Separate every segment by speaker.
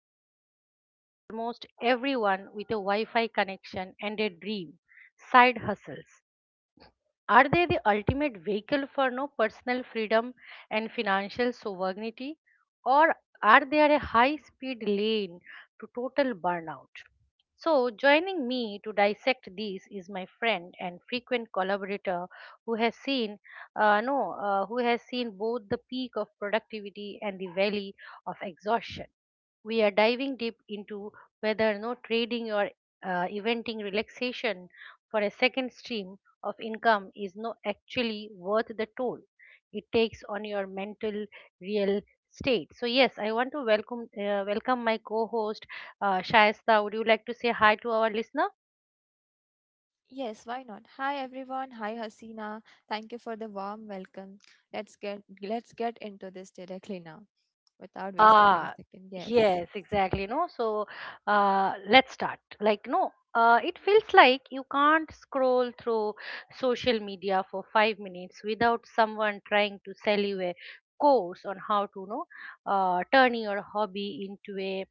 Speaker 1: home for almost everyone with a Wi Fi connection and a dream side hustles. Are they the ultimate vehicle for no personal freedom and financial sovereignty, or are they a high-speed lane to total burnout? So, joining me to dissect this is my friend and frequent collaborator who has seen, no, who has seen both the peak of productivity and the valley of exhaustion. We are diving deep into whether no trading or eventing relaxation for a second stream of income is no actually worth the toll it takes on your mental real state. So yes, I want to welcome my co-host Shaista. Would you like to say hi to our listener?
Speaker 2: Yes, why not? Hi everyone. Hi Hasina. Thank you for the warm welcome. Let's get into this directly now without wasting any
Speaker 1: Ah,
Speaker 2: second. Yes.
Speaker 1: yes, exactly. No, so let's start. Like, no, it feels like you can't scroll through social media for 5 minutes without someone trying to sell you a course on how to, know, turn your hobby into a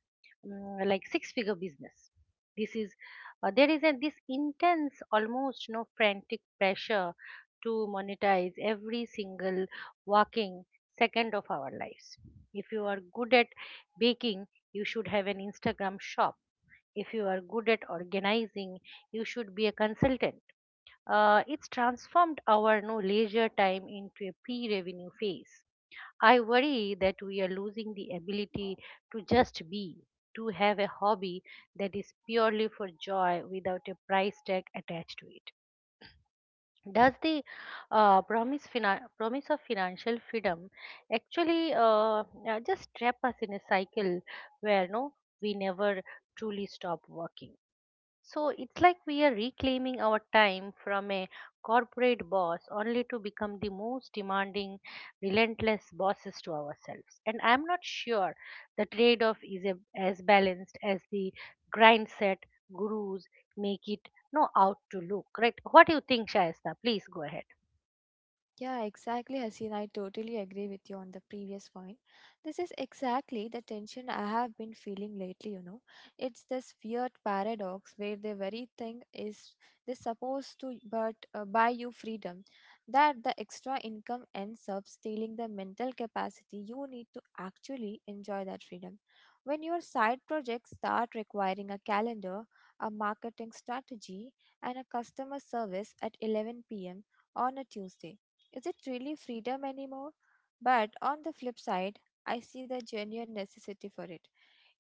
Speaker 1: like six-figure business. This is There is a this intense, almost no frantic pressure to monetize every single working second of our lives if you are good at baking, you should have an Instagram shop. If you are good at organizing, you should be a consultant. It's transformed our no leisure time into a pre-revenue phase. I worry that we are losing the ability to just be, to have a hobby that is purely for joy without a price tag attached to it does the promise of financial freedom actually just trap us in a cycle where no we never truly stop working so it's like we are reclaiming our time from a corporate boss only to become the most demanding, relentless bosses to ourselves. And I'm not sure the trade off is as balanced as the grind set gurus make it no out to look, right? What do you think, Shaista? Please go ahead.
Speaker 2: Yeah, exactly, Haseen. I totally agree with you on the previous point. This is exactly the tension I have been feeling lately, you know. It's this weird paradox where the very thing is this supposed to but buy you freedom that the extra income ends up stealing the mental capacity you need to actually enjoy that freedom. When your side projects start requiring a calendar, a marketing strategy, and a customer service at 11 p.m. on a Tuesday, is it really freedom anymore? But on the flip side, I see the genuine necessity for it.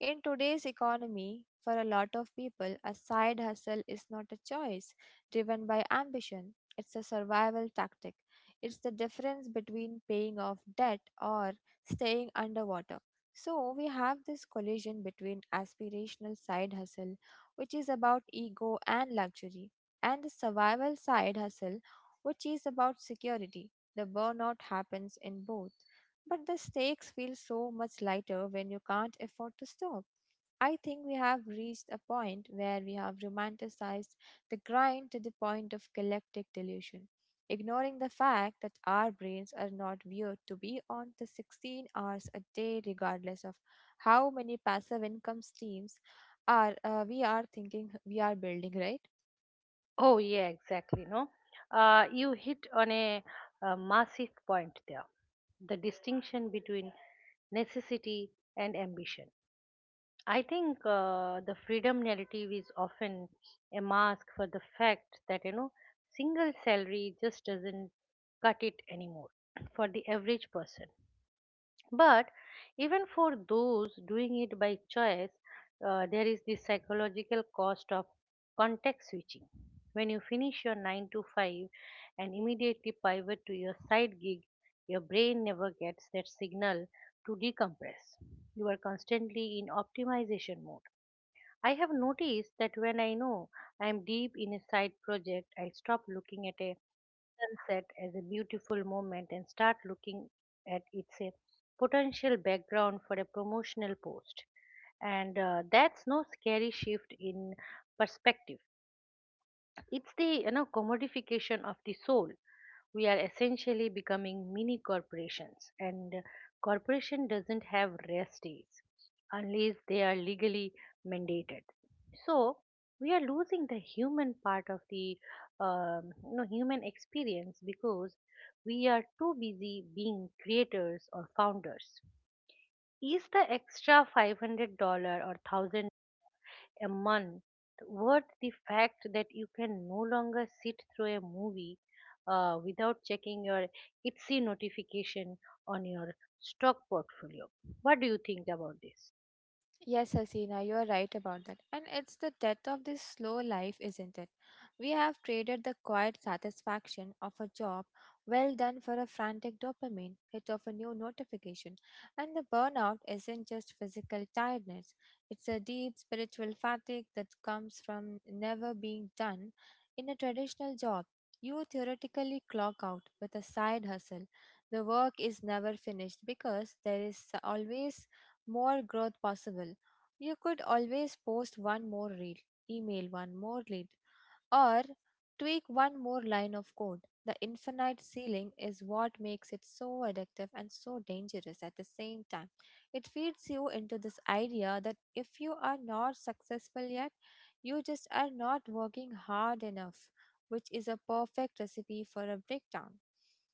Speaker 2: In today's economy, for a lot of people, a side hustle is not a choice driven by ambition. It's a survival tactic. It's the difference between paying off debt or staying underwater. So, we have this collision between aspirational side hustle, which is about ego and luxury, and the survival side hustle, which is about security. The burnout happens in both, but the stakes feel so much lighter when you can't afford to stop. I think we have reached a point where we have romanticized the grind to the point of collective delusion, ignoring the fact that our brains are not wired to be on the 16 hours a day, regardless of how many passive income streams are we are thinking we are building, right?
Speaker 1: Oh, yeah, exactly. No, you hit on a massive point there the distinction between necessity and ambition. I think the freedom narrative is often a mask for the fact that you know single salary just doesn't cut it anymore for the average person. But even for those doing it by choice, there is the psychological cost of context switching. When you finish your 9 to 5 and immediately pivot to your side gig, your brain never gets that signal to decompress. You are constantly in optimization mode. I have noticed that when I know I am deep in a side project, I stop looking at a sunset as a beautiful moment and start looking at its a potential background for a promotional post. And that's no scary shift in perspective. It's the you know commodification of the soul. We are essentially becoming mini corporations and corporation doesn't have rest days unless they are legally mandated. So we are losing the human part of the you know, human experience because we are too busy being creators or founders. Is the extra $500 or a month worth the fact that you can no longer sit through a movie without checking your Etsy notification on your stock portfolio. What do you think about this?
Speaker 2: Yes, Hasina, you are right about that. And it's the death of this slow life, isn't it? We have traded the quiet satisfaction of a job well done for a frantic dopamine hit of a new notification. And the burnout isn't just physical tiredness, it's a deep spiritual fatigue that comes from never being done. In a traditional job, you theoretically clock out with a side hustle. The work is never finished because there is always more growth possible. You could always post one more reel, email one more lead, or tweak one more line of code. The infinite ceiling is what makes it so addictive and so dangerous at the same time. It feeds you into this idea that if you are not successful yet, you just are not working hard enough, which is a perfect recipe for a breakdown.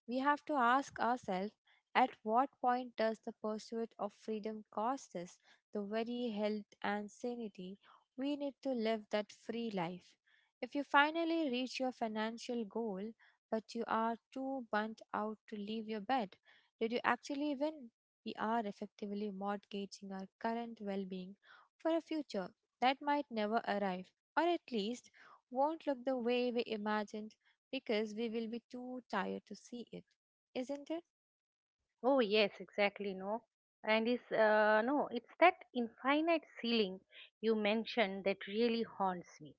Speaker 2: We have to ask ourselves at what point does the pursuit of freedom cost us the very health and sanity we need to live that free life? If you finally reach your financial goal, but you are too burnt out to leave your bed, did you actually win? We are effectively mortgaging our current well being for a future that might never arrive, or at least won't look the way we imagined because we will be too tired to see it, isn't it?
Speaker 1: Oh yes, exactly. No, and it's no, It's that infinite ceiling you mentioned that really haunts me.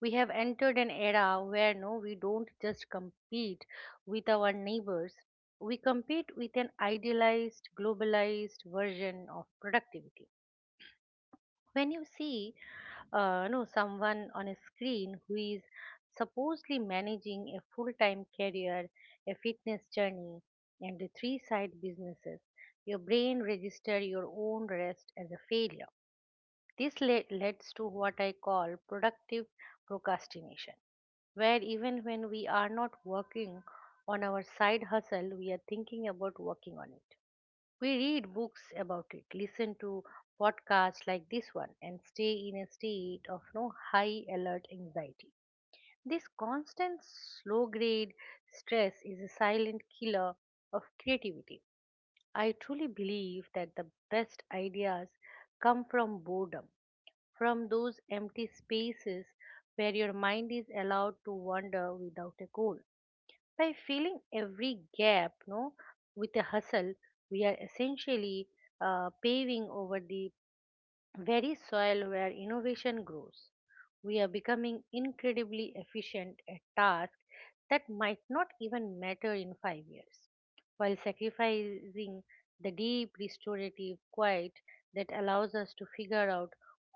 Speaker 1: We have entered an era where no, we don't just compete with our neighbors, we compete with an idealized, globalized version of productivity. When you see no, someone on a screen who is supposedly managing a full-time career, a fitness journey, and the three side businesses, your brain registers your own rest as a failure. Leads to what I call productive procrastination, where even when we are not working on our side hustle, we are thinking about working on it. We read books about it, listen to podcasts like this one, and stay in a state of no high alert anxiety. This constant slow grade stress is a silent killer of creativity. I truly believe that the best ideas come from boredom from those empty spaces where your mind is allowed to wander without a goal. By filling every gap no, with a hustle, we are essentially paving over the very soil where innovation grows. We are becoming incredibly efficient at tasks that might not even matter in 5 years, while sacrificing the deep restorative quiet that allows us to figure out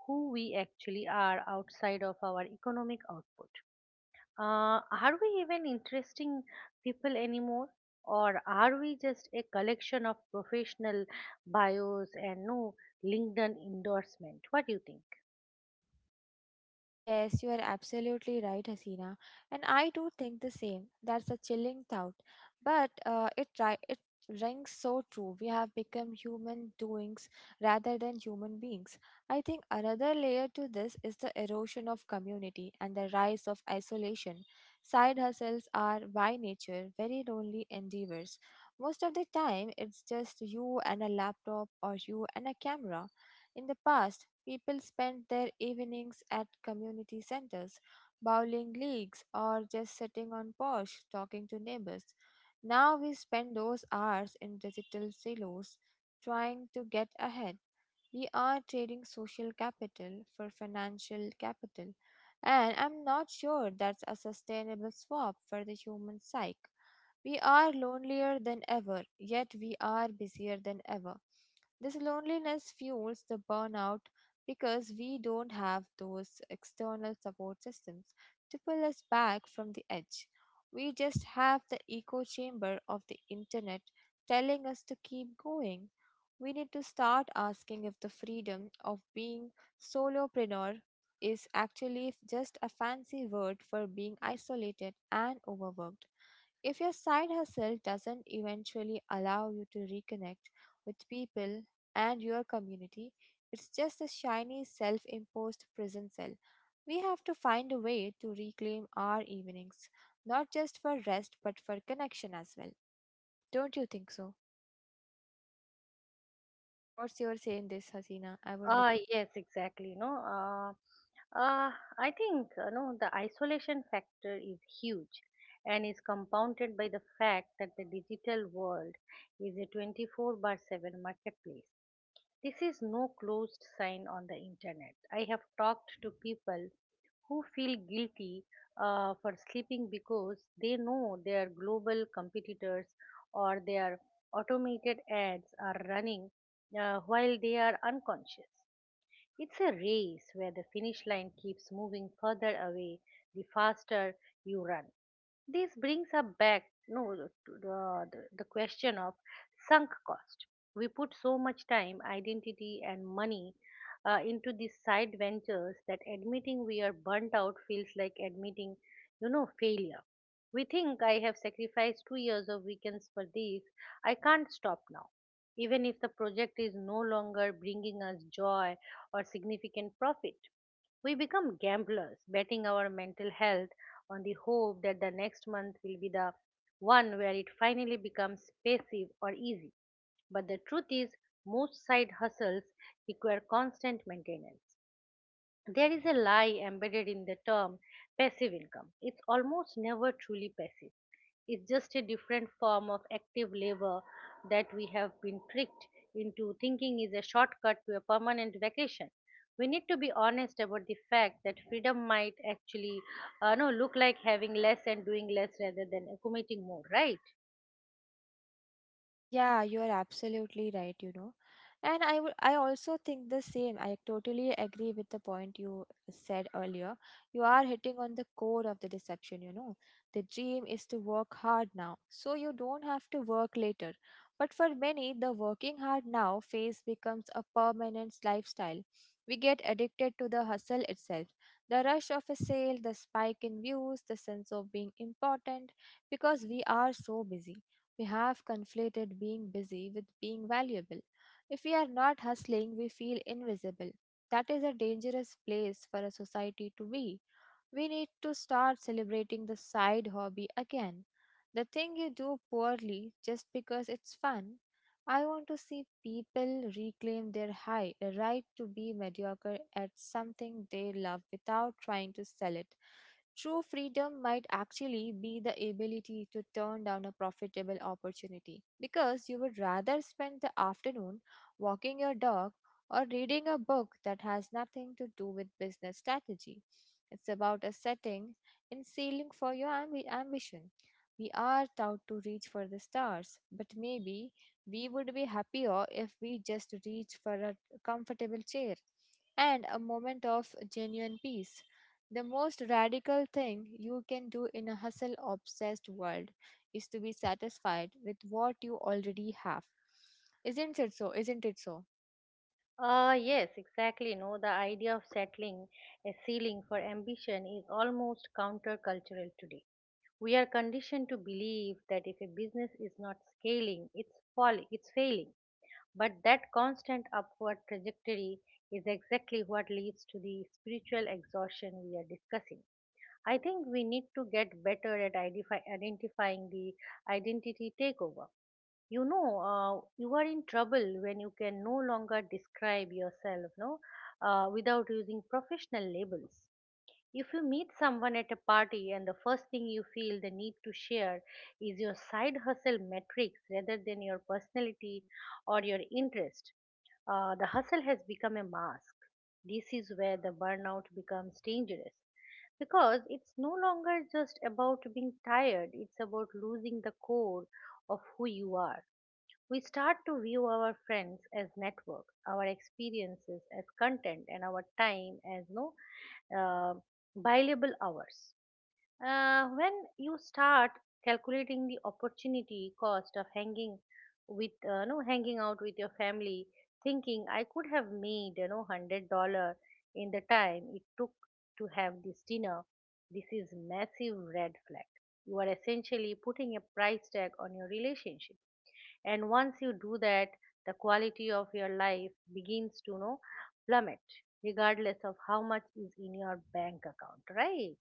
Speaker 1: who we actually are outside of our economic output. Are we even interesting people anymore? Or are we just a collection of professional bios and no LinkedIn endorsement? What do you think?
Speaker 2: Yes, you are absolutely right, Hasina. And I do think the same. That's a chilling thought. But it rings so true. We have become human doings rather than human beings. I think another layer to this is the erosion of community and the rise of isolation. Side hustles are by nature very lonely endeavors. Most of the time, it's just you and a laptop or you and a camera. In the past, people spent their evenings at community centers, bowling leagues, or just sitting on porch talking to neighbors. Now we spend those hours in digital silos trying to get ahead. We are trading social capital for financial capital, and I'm not sure that's a sustainable swap for the human psyche. We are lonelier than ever, yet we are busier than ever. This loneliness fuels the burnout because we don't have those external support systems to pull us back from the edge. We just have the echo chamber of the internet telling us to keep going. We need to start asking if the freedom of being solopreneur is actually just a fancy word for being isolated and overworked. If your side hustle doesn't eventually allow you to reconnect with people and your community, it's just a shiny self imposed prison cell. We have to find a way to reclaim our evenings, not just for rest but for connection as well. Don't you think so? What's your say in this, Hasina? I would.
Speaker 1: Yes, exactly. No, uh, I think no, the isolation factor is huge and is compounded by the fact that the digital world is a 24 by 7 marketplace. This is no closed sign on the internet. I have talked to people who feel guilty for sleeping because they know their global competitors or their automated ads are running while they are unconscious. It's a race where the finish line keeps moving further away the faster you run. This brings up back no the, the, the question of sunk cost. We put so much time, identity, and money into these side ventures that admitting we are burnt out feels like admitting, you know, failure. We think I have sacrificed 2 years of weekends for this. I can't stop now. Even if the project is no longer bringing us joy or significant profit, we become gamblers, betting our mental health on the hope that the next month will be the one where it finally becomes passive or easy. But the truth is, most side hustles require constant maintenance. There is a lie embedded in the term passive income. It's almost never truly passive. It's just a different form of active labor that we have been tricked into thinking is a shortcut to a permanent vacation. We need to be honest about the fact that freedom might actually no, look like having less and doing less rather than accumulating more, right?
Speaker 2: Yeah, you are absolutely right, you know. And I also think the same. I totally agree with the point you said earlier. You are hitting on the core of the deception, you know. The dream is to work hard now, so you don't have to work later. But for many, the working hard now phase becomes a permanent lifestyle. We get addicted to the hustle itself. The rush of a sale, the spike in views, the sense of being important because we are so busy we have conflated being busy with being valuable. If we are not hustling, we feel invisible. That is a dangerous place for a society to be. We need to start celebrating the side hobby again. The thing you do poorly just because it's fun. I want to see people reclaim their high, a right to be mediocre at something they love without trying to sell it. True freedom might actually be the ability to turn down a profitable opportunity because you would rather spend the afternoon walking your dog or reading a book that has nothing to do with business strategy. It's about a setting and sailing for your ambition. We are taught to reach for the stars, but maybe we would be happier if we just reach for a comfortable chair and a moment of genuine peace. The most radical thing you can do in a hustle obsessed world is to be satisfied with what you already have. Isn't it so? Isn't it so?
Speaker 1: Yes, exactly. No, the idea of settling a ceiling for ambition is almost countercultural today. We are conditioned to believe that if a business is not scaling, it's falling, it's failing. But that constant upward trajectory is exactly what leads to the spiritual exhaustion we are discussing. I think we need to get better at identifying the identity takeover. You know, you are in trouble when you can no longer describe yourself, without using professional labels. If you meet someone at a party and the first thing you feel the need to share is your side hustle metrics rather than your personality or your interest, the hustle has become a mask. This is where the burnout becomes dangerous because it's no longer just about being tired, it's about losing the core of who you are. We start to view our friends as network, our experiences as content, and our time as no uh, billable hours. When you start calculating the opportunity cost of hanging with no hanging out with your family, thinking I could have made you know 100 dollar in the time it took to have this dinner, this is massive red flag. You are essentially putting a price tag on your relationship and once you do that the quality of your life begins to you know plummet regardless of how much is in your bank account, right?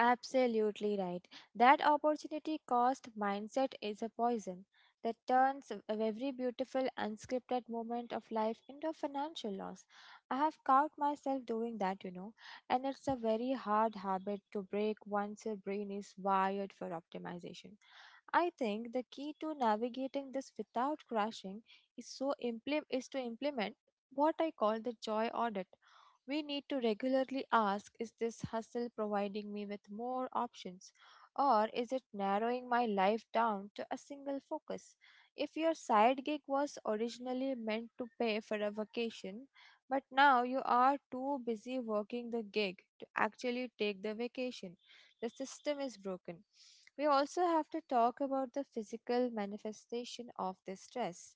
Speaker 2: Absolutely right. That opportunity cost mindset is a poison that turns every beautiful unscripted moment of life into a financial loss. I have caught myself doing that, you know, and it's a very hard habit to break once your brain is wired for optimization. I think the key to navigating this without crashing is to implement what I call the joy audit. We need to regularly ask is this hustle providing me with more options or is it narrowing my life down to a single focus? If your side gig was originally meant to pay for a vacation, but now you are too busy working the gig to actually take the vacation, the system is broken. We also have to talk about the physical manifestation of this stress.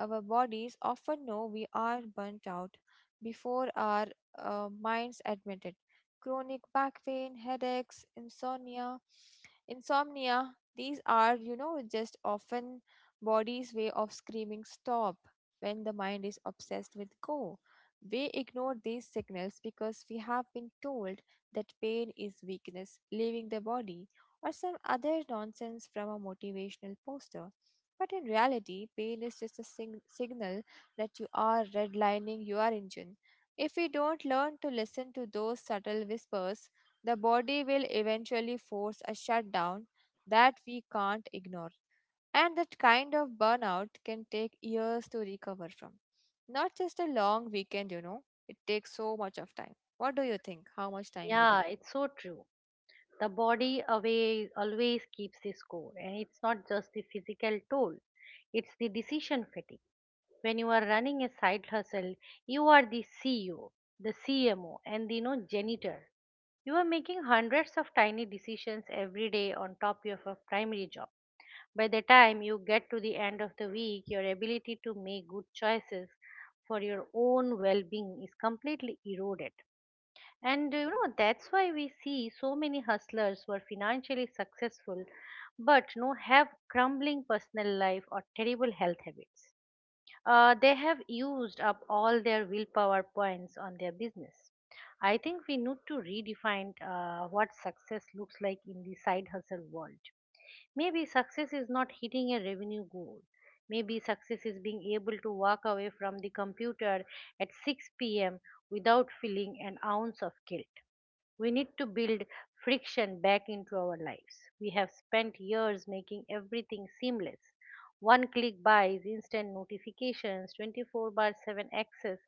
Speaker 2: Our bodies often know we are burnt out before our minds admit it. Chronic back pain, headaches, insomnia, these are, you know, just often body's way of screaming stop when the mind is obsessed with go. We ignore these signals because we have been told that pain is weakness leaving the body or some other nonsense from a motivational poster, but in reality pain is just a signal that you are redlining your engine. If we don't learn to listen to those subtle whispers, the body will eventually force a shutdown that we can't ignore. And that kind of burnout can take years to recover from. Not just a long weekend, you know, it takes so much of time. What do you think? How much time would.
Speaker 1: Yeah, it's so true. The body away always keeps the score and it's not just the physical toll, it's the decision fatigue. When you are running a side hustle, you are the CEO, the CMO and the you know janitor. You are making hundreds of tiny decisions every day on top of your primary job. By the time you get to the end of the week, your ability to make good choices for your own well being is completely eroded. And you know, that's why we see so many hustlers who are financially successful but you know, have crumbling personal life or terrible health habits. They have used up all their willpower points on their business. I think we need to redefine what success looks like in the side hustle world. Maybe success is not hitting a revenue goal. Maybe success is being able to walk away from the computer at 6 p.m. without feeling an ounce of guilt. We need to build friction back into our lives. We have spent years making everything seamless. One click buys, instant notifications, 24 bar 7 access.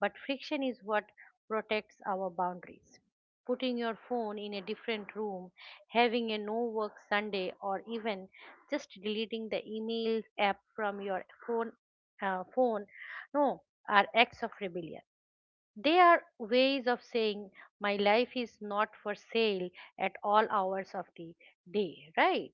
Speaker 1: But friction is what protects our boundaries. Putting your phone in a different room, having a no work Sunday, or even just deleting the email app from your phone, phone no, are acts of rebellion. They are ways of saying my life is not for sale at all hours of the day, right?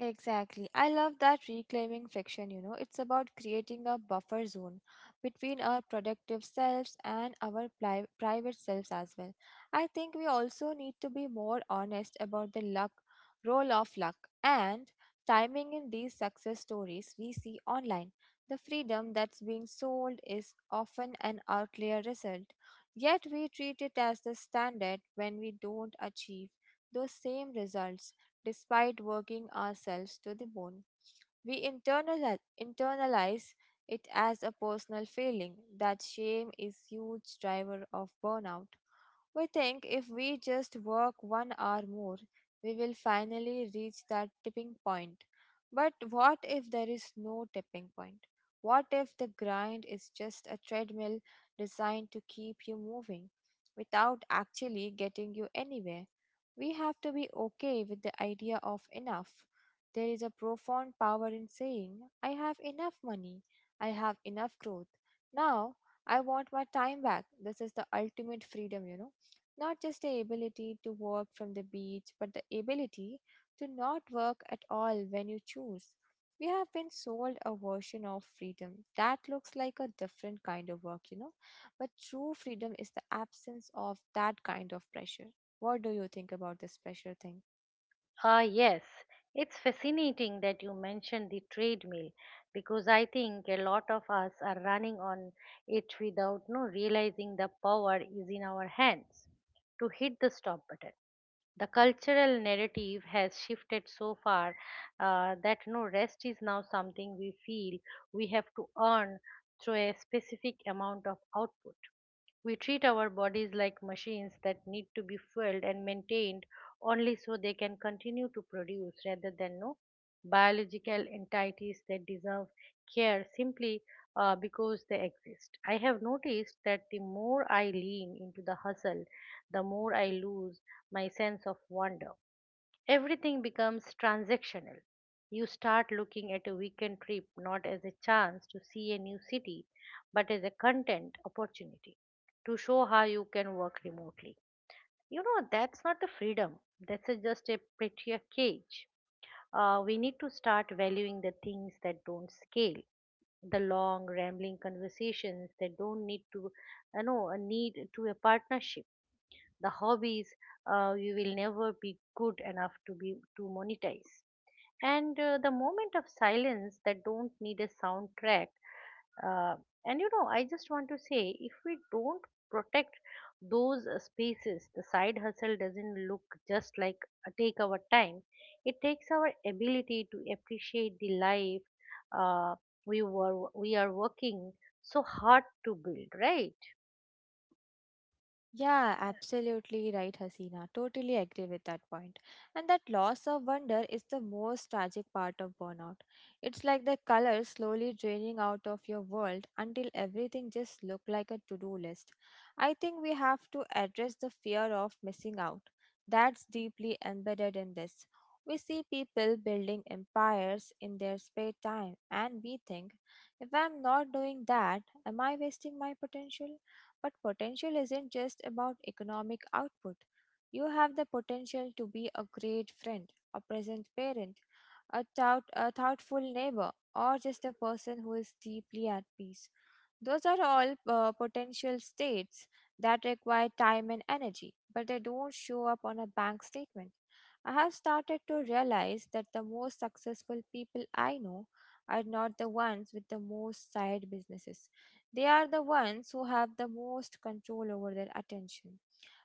Speaker 2: Exactly. I love that reclaiming friction, you know. It's about creating a buffer zone between our productive selves and our pli private selves as well. I think we also need to be more honest about the role of luck, and timing in these success stories we see online. The freedom that's being sold is often an outlier result, yet we treat it as the standard when we don't achieve those same results despite working ourselves to the bone. We internalize it as a personal failing. That shame is huge driver of burnout. We think if we just work 1 hour more, we will finally reach that tipping point. But what if there is no tipping point? What if the grind is just a treadmill designed to keep you moving without actually getting you anywhere? We have to be okay with the idea of enough. There is a profound power in saying, I have enough money, I have enough growth. Now I want my time back. This is the ultimate freedom, you know. Not just the ability to work from the beach, but the ability to not work at all when you choose. We have been sold a version of freedom that looks like a different kind of work, you know. But true freedom is the absence of that kind of pressure. What do you think about this pressure thing?
Speaker 1: Yes, it's fascinating that you mentioned the treadmill because I think a lot of us are running on it without no realizing the power is in our hands to hit the stop button. The cultural narrative has shifted so far that no rest is now something we feel we have to earn through a specific amount of output. We treat our bodies like machines that need to be fueled and maintained only so they can continue to produce rather than no biological entities that deserve care simply because they exist. I have noticed that the more I lean into the hustle, the more I lose my sense of wonder. Everything becomes transactional. You start looking at a weekend trip not as a chance to see a new city, but as a content opportunity to show how you can work remotely. You know, that's not a freedom, that's just a prettier cage. We need to start valuing the things that don't scale, the long, rambling conversations that don't need to, a partnership, the hobbies you will never be good enough to monetize, and the moment of silence that don't need a soundtrack. uh, and you know, I just want to say if we don't protect those spaces, the side hustle doesn't look just like take our time, it takes our ability to appreciate the life uh, we are working so hard to build, right?
Speaker 2: Yeah, absolutely right, Hasina. Totally agree with that point. And that loss of wonder is the most tragic part of burnout. It's like the color slowly draining out of your world until everything just look like a to-do list. I think we have to address the fear of missing out. That's deeply embedded in this. We see people building empires in their spare time and we think, if I'm not doing that, am I wasting my potential? But potential isn't just about economic output. You have the potential to be a great friend, a present parent, a thoughtful neighbor, or just a person who is deeply at peace. Those are all potential states that require time and energy, but they don't show up on a bank statement. I have started to realize that the most successful people I know are not the ones with the most side businesses. They are the ones who have the most control over their attention.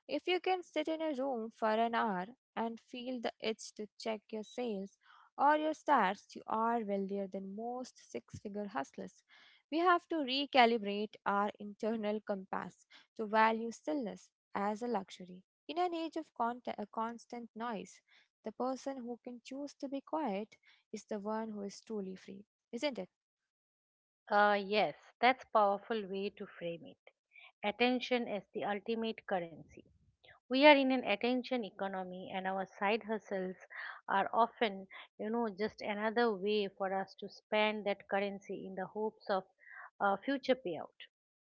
Speaker 2: If you can sit in a room for an hour and feel the itch to check your sales or your stats, you are wealthier than most six figure hustlers. We have to recalibrate our internal compass to value stillness as a luxury. In an age of constant noise, the person who can choose to be quiet is the one who is truly free, isn't it?
Speaker 1: Yes, that's powerful way to frame it. Attention is the ultimate currency. We are in an attention economy, and our side hustles are often, you know, just another way for us to spend that currency in the hopes of future payout.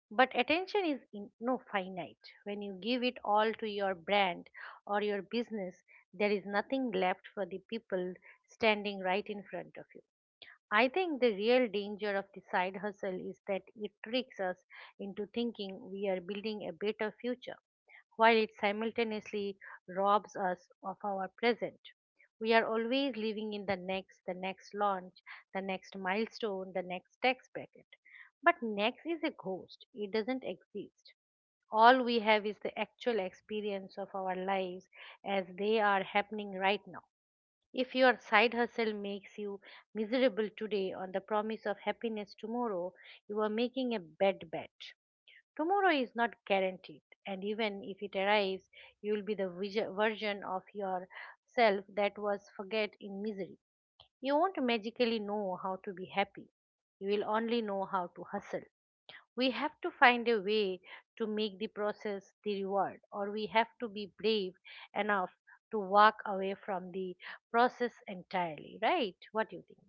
Speaker 1: But attention is in, no finite. When you give it all to your brand or your business, there is nothing left for the people standing right in front of you. I think the real danger of the side hustle is that it tricks us into thinking we are building a better future while it simultaneously robs us of our present. We are always living in the next launch, the next milestone, the next tax bracket. But next is a ghost, it doesn't exist. All we have is the actual experience of our lives as they are happening right now. If your side hustle makes you miserable today on the promise of happiness tomorrow, you are making a bad bet. Tomorrow is not guaranteed, and even if it arrives, you will be the version of yourself that was forget in misery. You won't magically know how to be happy. You will only know how to hustle. We have to find a way to make the process the reward, or we have to be brave enough to walk away from the process entirely, right? What do you think?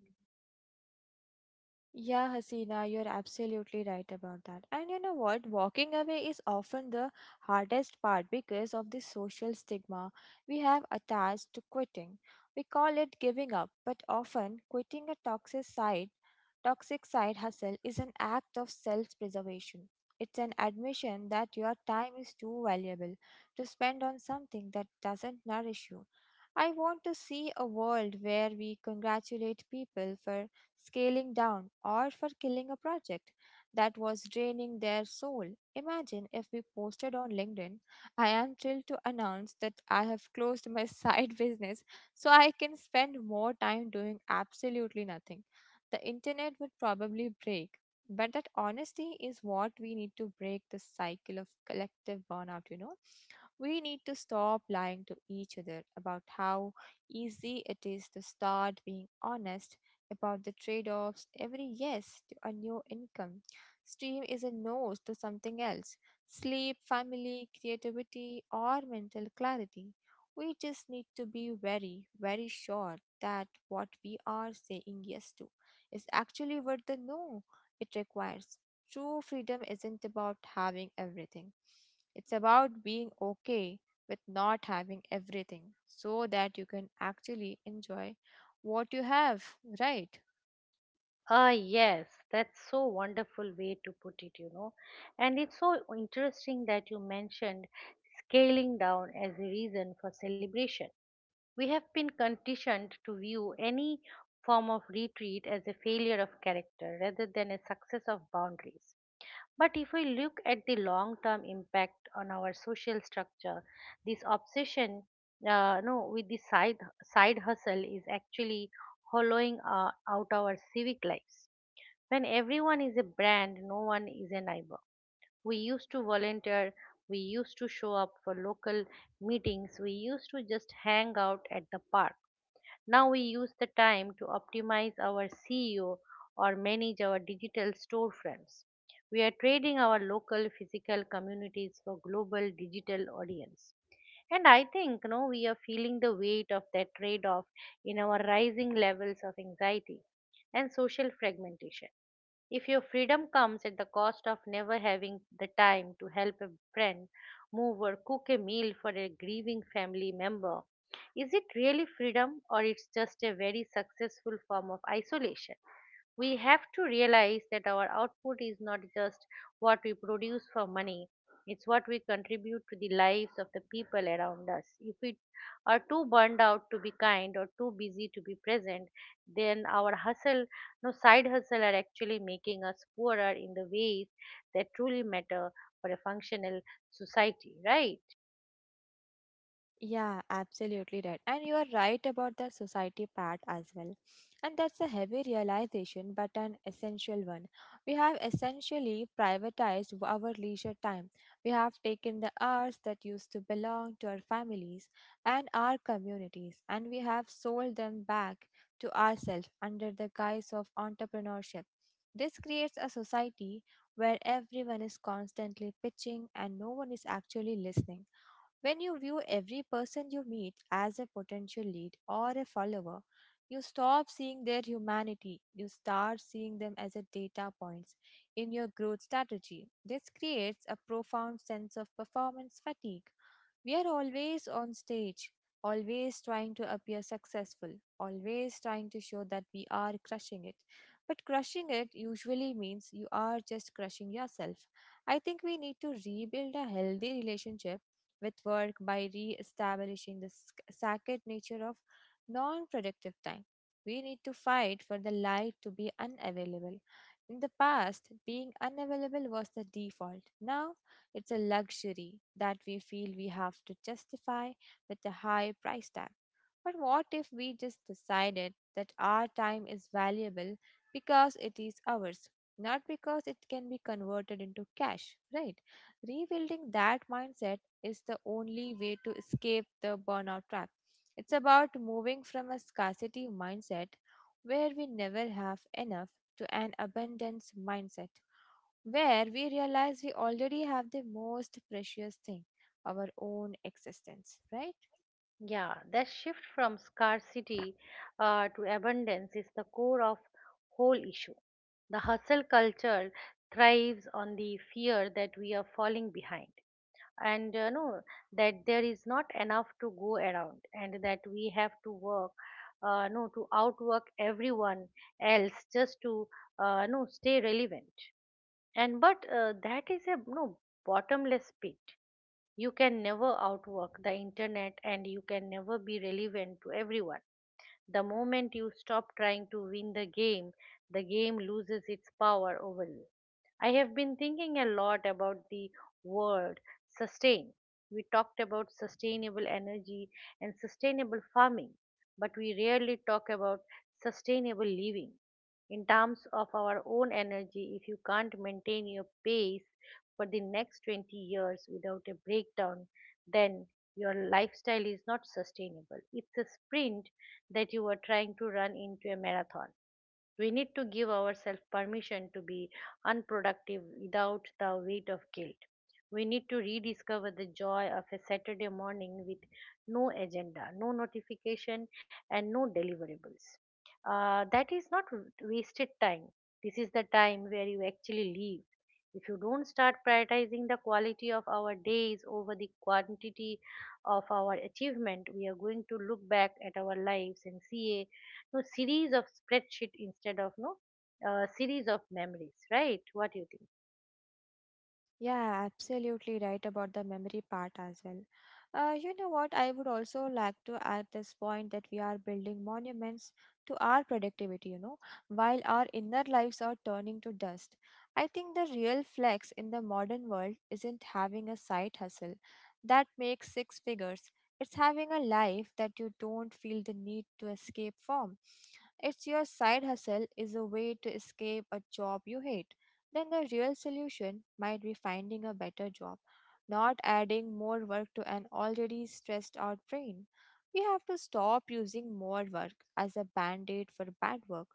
Speaker 2: Yeah, Hasina, you're absolutely right about that. And you know what? Walking away is often the hardest part because of the social stigma we have attached to quitting. We call it giving up, but often quitting a toxic side hustle is an act of self-preservation. It's an admission that your time is too valuable to spend on something that doesn't nourish you. I want to see a world where we congratulate people for scaling down, or for killing a project that was draining their soul. Imagine if we posted on LinkedIn, I am thrilled to announce that I have closed my side business so I can spend more time doing absolutely nothing. The internet would probably break. But that honesty is what we need to break the cycle of collective burnout. We need to stop lying to each other about how easy it is to start being honest about the trade offs. Every yes to a new income stream is a no to something else sleep, family, creativity, or mental clarity. We just need to be very, very sure that what we are saying yes to is actually worth the no it requires. True freedom isn't about having everything, it's about being okay with not having everything so that you can actually enjoy what you have, right?
Speaker 1: Yes, that's so wonderful way to put it, you know. And it's so interesting that you mentioned scaling down as a reason for celebration. We have been conditioned to view any form of retreat as a failure of character rather than a success of boundaries. But if we look at the long term impact on our social structure, this obsession no, with the side, side hustle is actually hollowing out our civic lives. When everyone is a brand, no one is a neighbor. We used to volunteer, we used to show up for local meetings, we used to just hang out at the park. Now we use the time to optimize our SEO or manage our digital storefronts. We are trading our local physical communities for global digital audience. And I think, you know, we are feeling the weight of that trade off in our rising levels of anxiety and social fragmentation. If your freedom comes at the cost of never having the time to help a friend move or cook a meal for a grieving family member, is it really freedom or it's just a very successful form of isolation? We have to realize that our output is not just what we produce for money, it's what we contribute to the lives of the people around us. If we are too burned out to be kind or too busy to be present, then our hustle no side hustle are actually making us poorer in the ways that truly matter for a functional society, right?
Speaker 2: Yeah, absolutely right. And you are right about the society part as well. And that's a heavy realization, but an essential one. We have essentially privatized our leisure time. We have taken the hours that used to belong to our families and our communities, and we have sold them back to ourselves under the guise of entrepreneurship. This creates a society where everyone is constantly pitching and no one is actually listening when you view every person you meet as a potential lead or a follower, you stop seeing their humanity. You start seeing them as a data points in your growth strategy. This creates a profound sense of performance fatigue. We are always on stage, always trying to appear successful, always trying to show that we are crushing it. But crushing it usually means you are just crushing yourself. I think we need to rebuild a healthy relationship with work by re establishing the sacred nature of non productive time. We need to fight for the light to be unavailable. In the past, being unavailable was the default. Now, it's a luxury that we feel we have to justify with a high price tag. But what if we just decided that our time is valuable because it is ours, not because it can be converted into cash, right? Rebuilding that mindset is the only way to escape the burnout trap. It's about moving from a scarcity mindset where we never have enough to an abundance mindset where we realize we already have the most precious thing, our own existence, right?
Speaker 1: Yeah, that shift from scarcity to abundance is the core of whole issue. The hustle culture thrives on the fear that we are falling behind and that there is not enough to go around and that we have to work no to outwork everyone else just to no stay relevant. And but That is a no bottomless pit. You can never outwork the internet and you can never be relevant to everyone. The moment you stop trying to win the game loses its power over you. I have been thinking a lot about the word sustain. We talked about sustainable energy and sustainable farming, but we rarely talk about sustainable living. In terms of our own energy, if you can't maintain your pace for the next 20 years without a breakdown, then your lifestyle is not sustainable. It's a sprint that you are trying to run into a marathon. We need to give ourselves permission to be unproductive without the weight of guilt. We need to rediscover the joy of a Saturday morning with no agenda, no notification, and no deliverables. That is not wasted time. This is the time where you actually live. If you don't start prioritizing the quality of our days over the quantity of our achievement, we are going to look back at our lives and see no series of spreadsheet instead of no series of memories, right? What do you think?
Speaker 2: Yeah, absolutely right about the memory part as well. You know what? I would also like to add this point that we are building monuments to our productivity, while our inner lives are turning to dust. I think the real flex in the modern world isn't having a side hustle that makes six figures. It's having a life that you don't feel the need to escape from. It's your side hustle is a way to escape a job you hate then the real solution might be finding a better job, not adding more work to an already stressed out brain. We have to stop using more work as a band aid for bad work.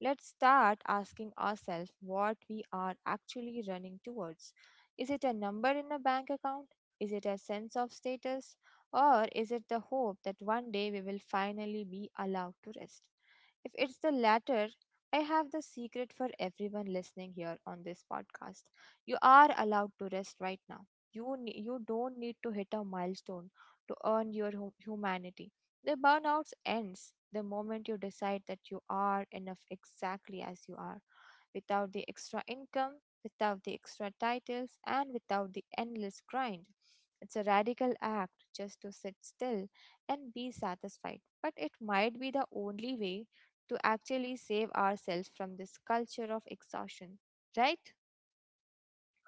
Speaker 2: Let's start asking ourselves what we are actually running towards. Is it a number in a bank account? Is it a sense of status? Or is it the hope that one day we will finally be allowed to rest? If it's the latter, I have the secret for everyone listening here on this podcast. You are allowed to rest right now. You don't need to hit a milestone to earn your humanity. The burnout ends the moment you decide that you are enough exactly as you are, without the extra income, without the extra titles, and without the endless grind. It's a radical act just to sit still and be satisfied, but it might be the only way to actually save ourselves from this culture of exhaustion, right?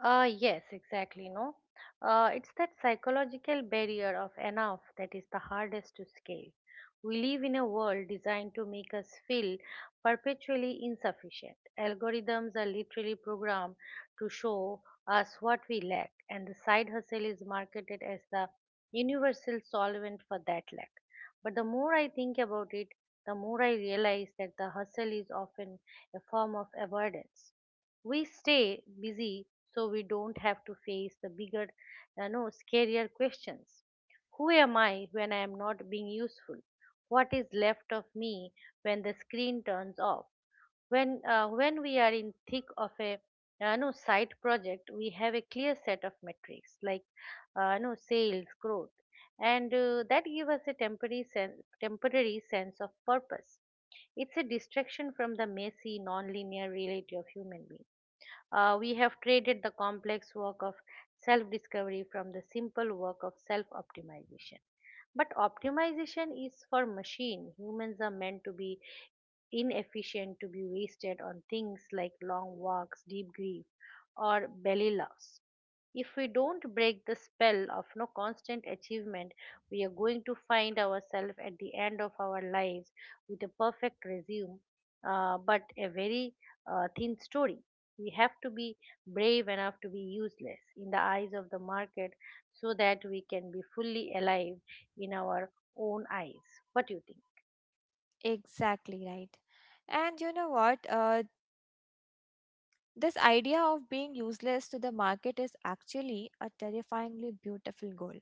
Speaker 1: Yes, exactly. No, It's that psychological barrier of enough that is the hardest to scale. We live in a world designed to make us feel perpetually insufficient. Algorithms are literally programmed to show us what we lack, and the side hustle is marketed as the universal solvent for that lack. But the more I think about it, the more I realize that the hustle is often a form of avoidance. We stay busy so we don't have to face the bigger, you know, scarier questions. Who am I when I am not being useful? What is left of me when the screen turns off? When we are in thick of a, you know, side project, we have a clear set of metrics like you sales growth, and that give us a temporary sense of purpose. It's a distraction from the messy, non-linear reality of human beings. We have traded the complex work of self discovery from the simple work of self optimization. But optimization is for machine. Humans are meant to be inefficient, to be wasted on things like long walks, deep grief, or belly loss. If we don't break the spell of no constant achievement, we are going to find ourselves at the end of our lives with a perfect resume, but a very thin story. We have to be brave enough to be useless in the eyes of the market so that we can be fully alive in our own eyes. What do you think?
Speaker 2: Exactly right. And you know what? This idea of being useless to the market is actually a terrifyingly beautiful goal.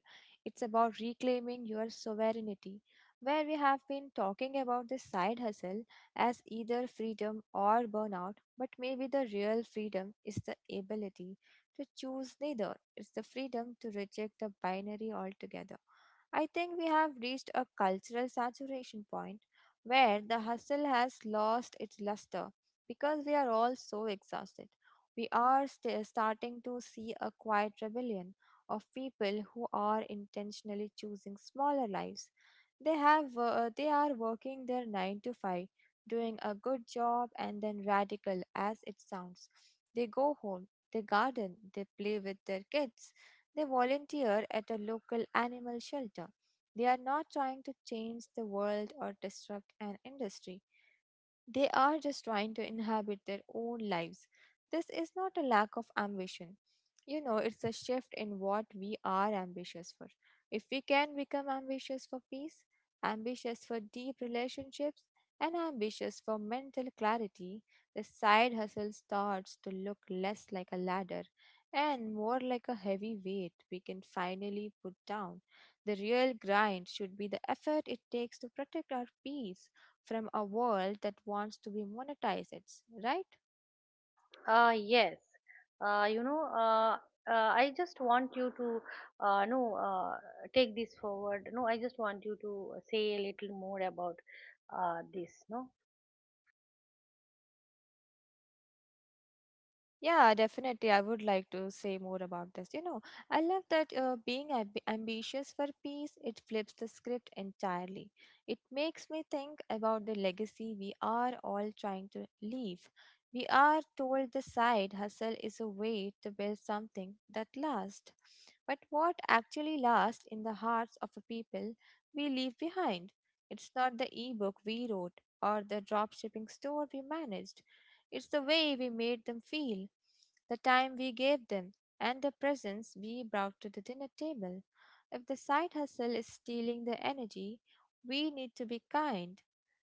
Speaker 2: It's about reclaiming your sovereignty, where we have been talking about this side hustle as either freedom or burnout, but maybe the real freedom is the ability to choose neither. It's the freedom to reject the binary altogether. I think we have reached a cultural saturation point where the hustle has lost its luster because we are all so exhausted. We are starting to see a quiet rebellion of people who are intentionally choosing smaller lives. They are working their 9 to 5, doing a good job and then radical as it sounds. They go home, they garden, they play with their kids. They volunteer at a local animal shelter. They are not trying to change the world or disrupt an industry. They are just trying to inhabit their own lives. This is not a lack of ambition. It's a shift in what we are ambitious for. If we can become ambitious for peace, ambitious for deep relationships, and ambitious for mental clarity, the side hustle starts to look less like a ladder and more like a heavy weight we can finally put down. The real grind should be the effort it takes to protect our peace from a world that wants to be monetized, right?
Speaker 1: Yes. Uh, you know, uh, I just want you to uh, no uh, take this forward. No, I just want you to say a little more about this. No,
Speaker 2: Yeah, definitely. I would like to say more about this. I love that being ambitious for peace, it flips the script entirely. It makes me think about the legacy we are all trying to leave. We are told the side hustle is a way to build something that lasts. But what actually lasts in the hearts of the people we leave behind? It's not the ebook we wrote or the dropshipping store we managed. It's the way we made them feel, the time we gave them, and the presents we brought to the dinner table. If the side hustle is stealing the energy, we need to be kind.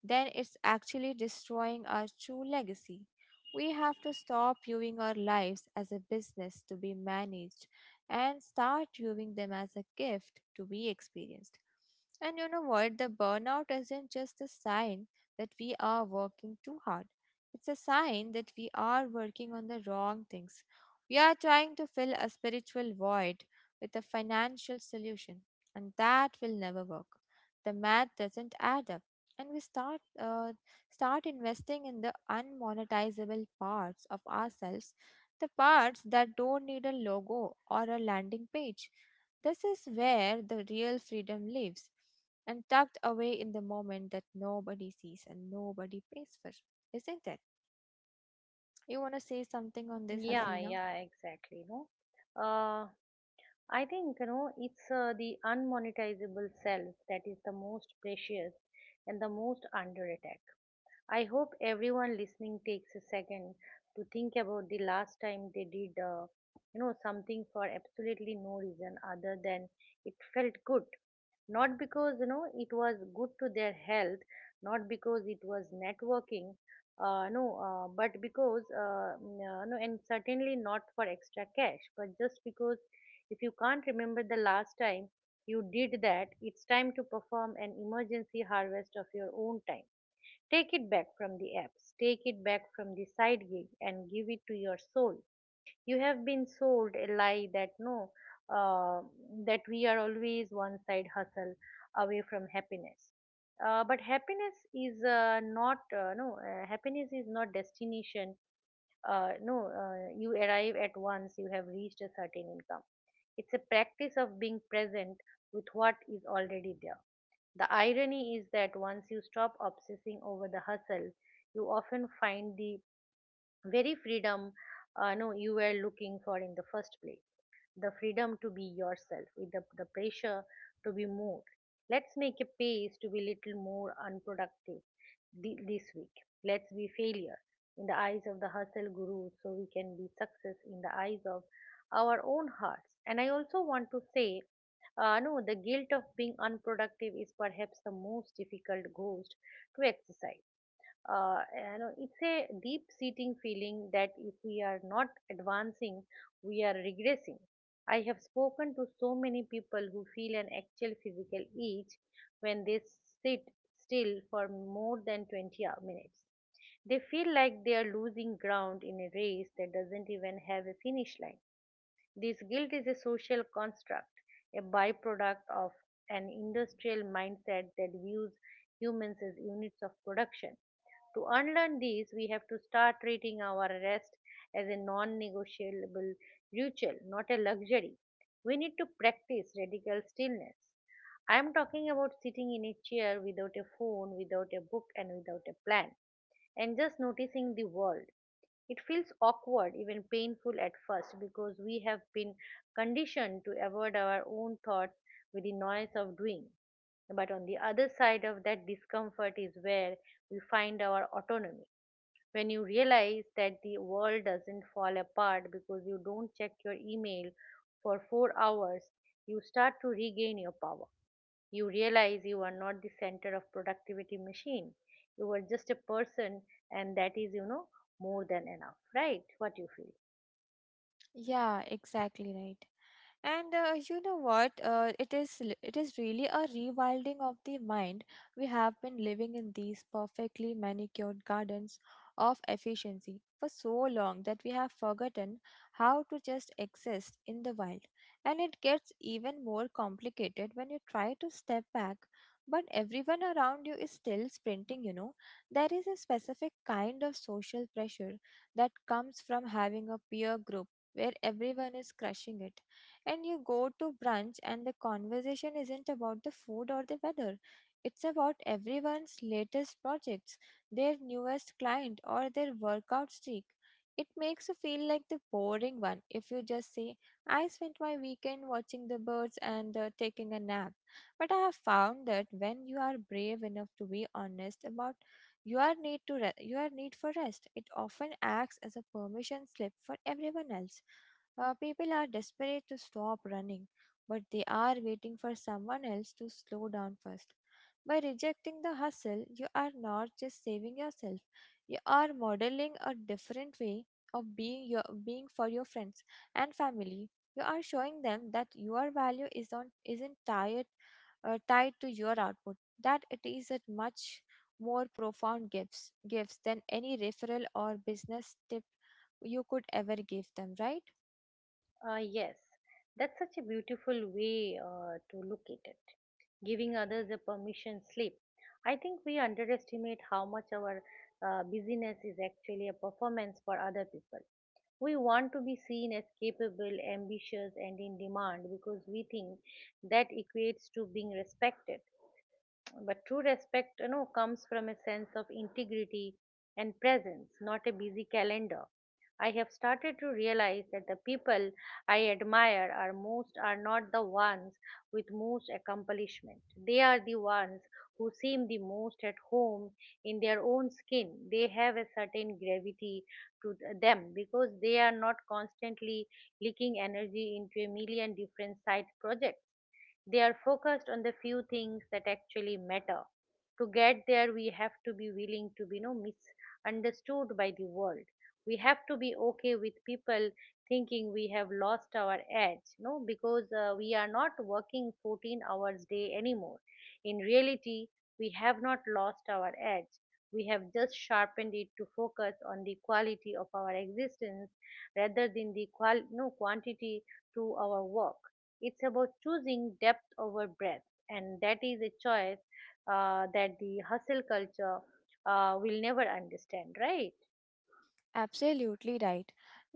Speaker 2: Then it's actually destroying our true legacy. We have to stop viewing our lives as a business to be managed and start viewing them as a gift to be experienced. And you know what? The burnout isn't just a sign that we are working too hard. It's a sign that we are working on the wrong things. We are trying to fill a spiritual void with a financial solution, and that will never work. The math doesn't add up, and we start investing in the unmonetizable parts of ourselves, the parts that don't need a logo or a landing page. This is where the real freedom lives, and tucked away in the moment that nobody sees and nobody pays for, isn't it? You want to say something on this,
Speaker 1: yeah,
Speaker 2: Hasina?
Speaker 1: yeah, exactly. No, uh, I think, you know, it's the unmonetizable self that is the most precious and the most under attack. I hope everyone listening takes a second to think about the last time they did, you know, something for absolutely no reason other than it felt good. Not because, you know, it was good to their health, not because it was networking, no, but because, and certainly not for extra cash, but just because. If you can't remember the last time you did that, it's time to perform an emergency harvest of your own time. Take it back from the apps, take it back from the side gig, and give it to your soul. You have been sold a lie that no, uh, that we are always one side hustle away from happiness. But happiness is not destination. No, You arrive at once you have reached a certain income. It's a practice of being present with what is already there. The irony is that once you stop obsessing over the hustle, you often find the very freedom no, you were looking for in the first place, the freedom to be yourself without the pressure to be more. Let's make a pace to be little more unproductive this week. Let's be failure in the eyes of the hustle guru so we can be success in the eyes of our own hearts. And I also want to say, no, the guilt of being unproductive is perhaps the most difficult ghost to exercise. Uh, you know it's a deep seating feeling that if we are not advancing, we are regressing. I have spoken to so many people who feel an actual physical itch when they sit still for more than 20 minutes. They feel like they are losing ground in a race that doesn't even have a finish line. This guilt is a social construct, a byproduct of an industrial mindset that views humans as units of production. To unlearn these, we have to start treating our rest as a non negotiable ritual, not a luxury. We need to practice radical stillness. I am talking about sitting in a chair without a phone, without a book, and without a plan, and just noticing the world. It feels awkward, even painful at first, because we have been conditioned to avoid our own thoughts with the noise of doing. But on the other side of that discomfort is where we find our autonomy. When you realize that the world doesn't fall apart because you don't check your email for 4 hours, you start to regain your power. You realize you are not the center of productivity machine. You are just a person, and that is, more than enough, right? What you feel?
Speaker 2: Yeah, exactly right. And you know what? It is really a rewilding of the mind. We have been living in these perfectly manicured gardens of efficiency for so long that we have forgotten how to just exist in the wild. And it gets even more complicated when you try to step back, but everyone around you is still sprinting. There is a specific kind of social pressure that comes from having a peer group where everyone is crushing it and you go to brunch, and the conversation isn't about the food or the weather. It's about everyone's latest projects, their newest client, or their workout streak. It makes you feel like the boring one if you just say, I spent my weekend watching the birds and taking a nap. But I have found that when you are brave enough to be honest about your need for rest, it often acts as a permission slip for everyone else. People are desperate to stop running, but they are waiting for someone else to slow down first. By rejecting the hustle, you are not just saving yourself, you are modeling a different way of being your being for your friends and family. You are showing them that your value is on isn't tied tied to your output, that it is a much more profound gifts than any referral or business tip you could ever give them, right?
Speaker 1: Yes, that's such a beautiful way to look at it. Giving others a permission slip. I think we underestimate how much our busyness is actually a performance for other people. We want to be seen as capable, ambitious, and in demand because we think that equates to being respected. But true respect, comes from a sense of integrity and presence, not a busy calendar. I have started to realize that the people I admire are most are not the ones with most accomplishment. They are the ones who seem the most at home in their own skin. They have a certain gravity to them because they are not constantly leaking energy into a million different side projects. They are focused on the few things that actually matter. To get there, we have to be willing to be, misunderstood by the world. We have to be okay with people thinking we have lost our edge, you know, because we are not working 14 hours day anymore. In reality, we have not lost our edge. We have just sharpened it to focus on the quality of our existence rather than the qual- no, quantity to our work. It's about choosing depth over breadth, and that is a choice that the hustle culture will never understand, right?
Speaker 2: Absolutely right.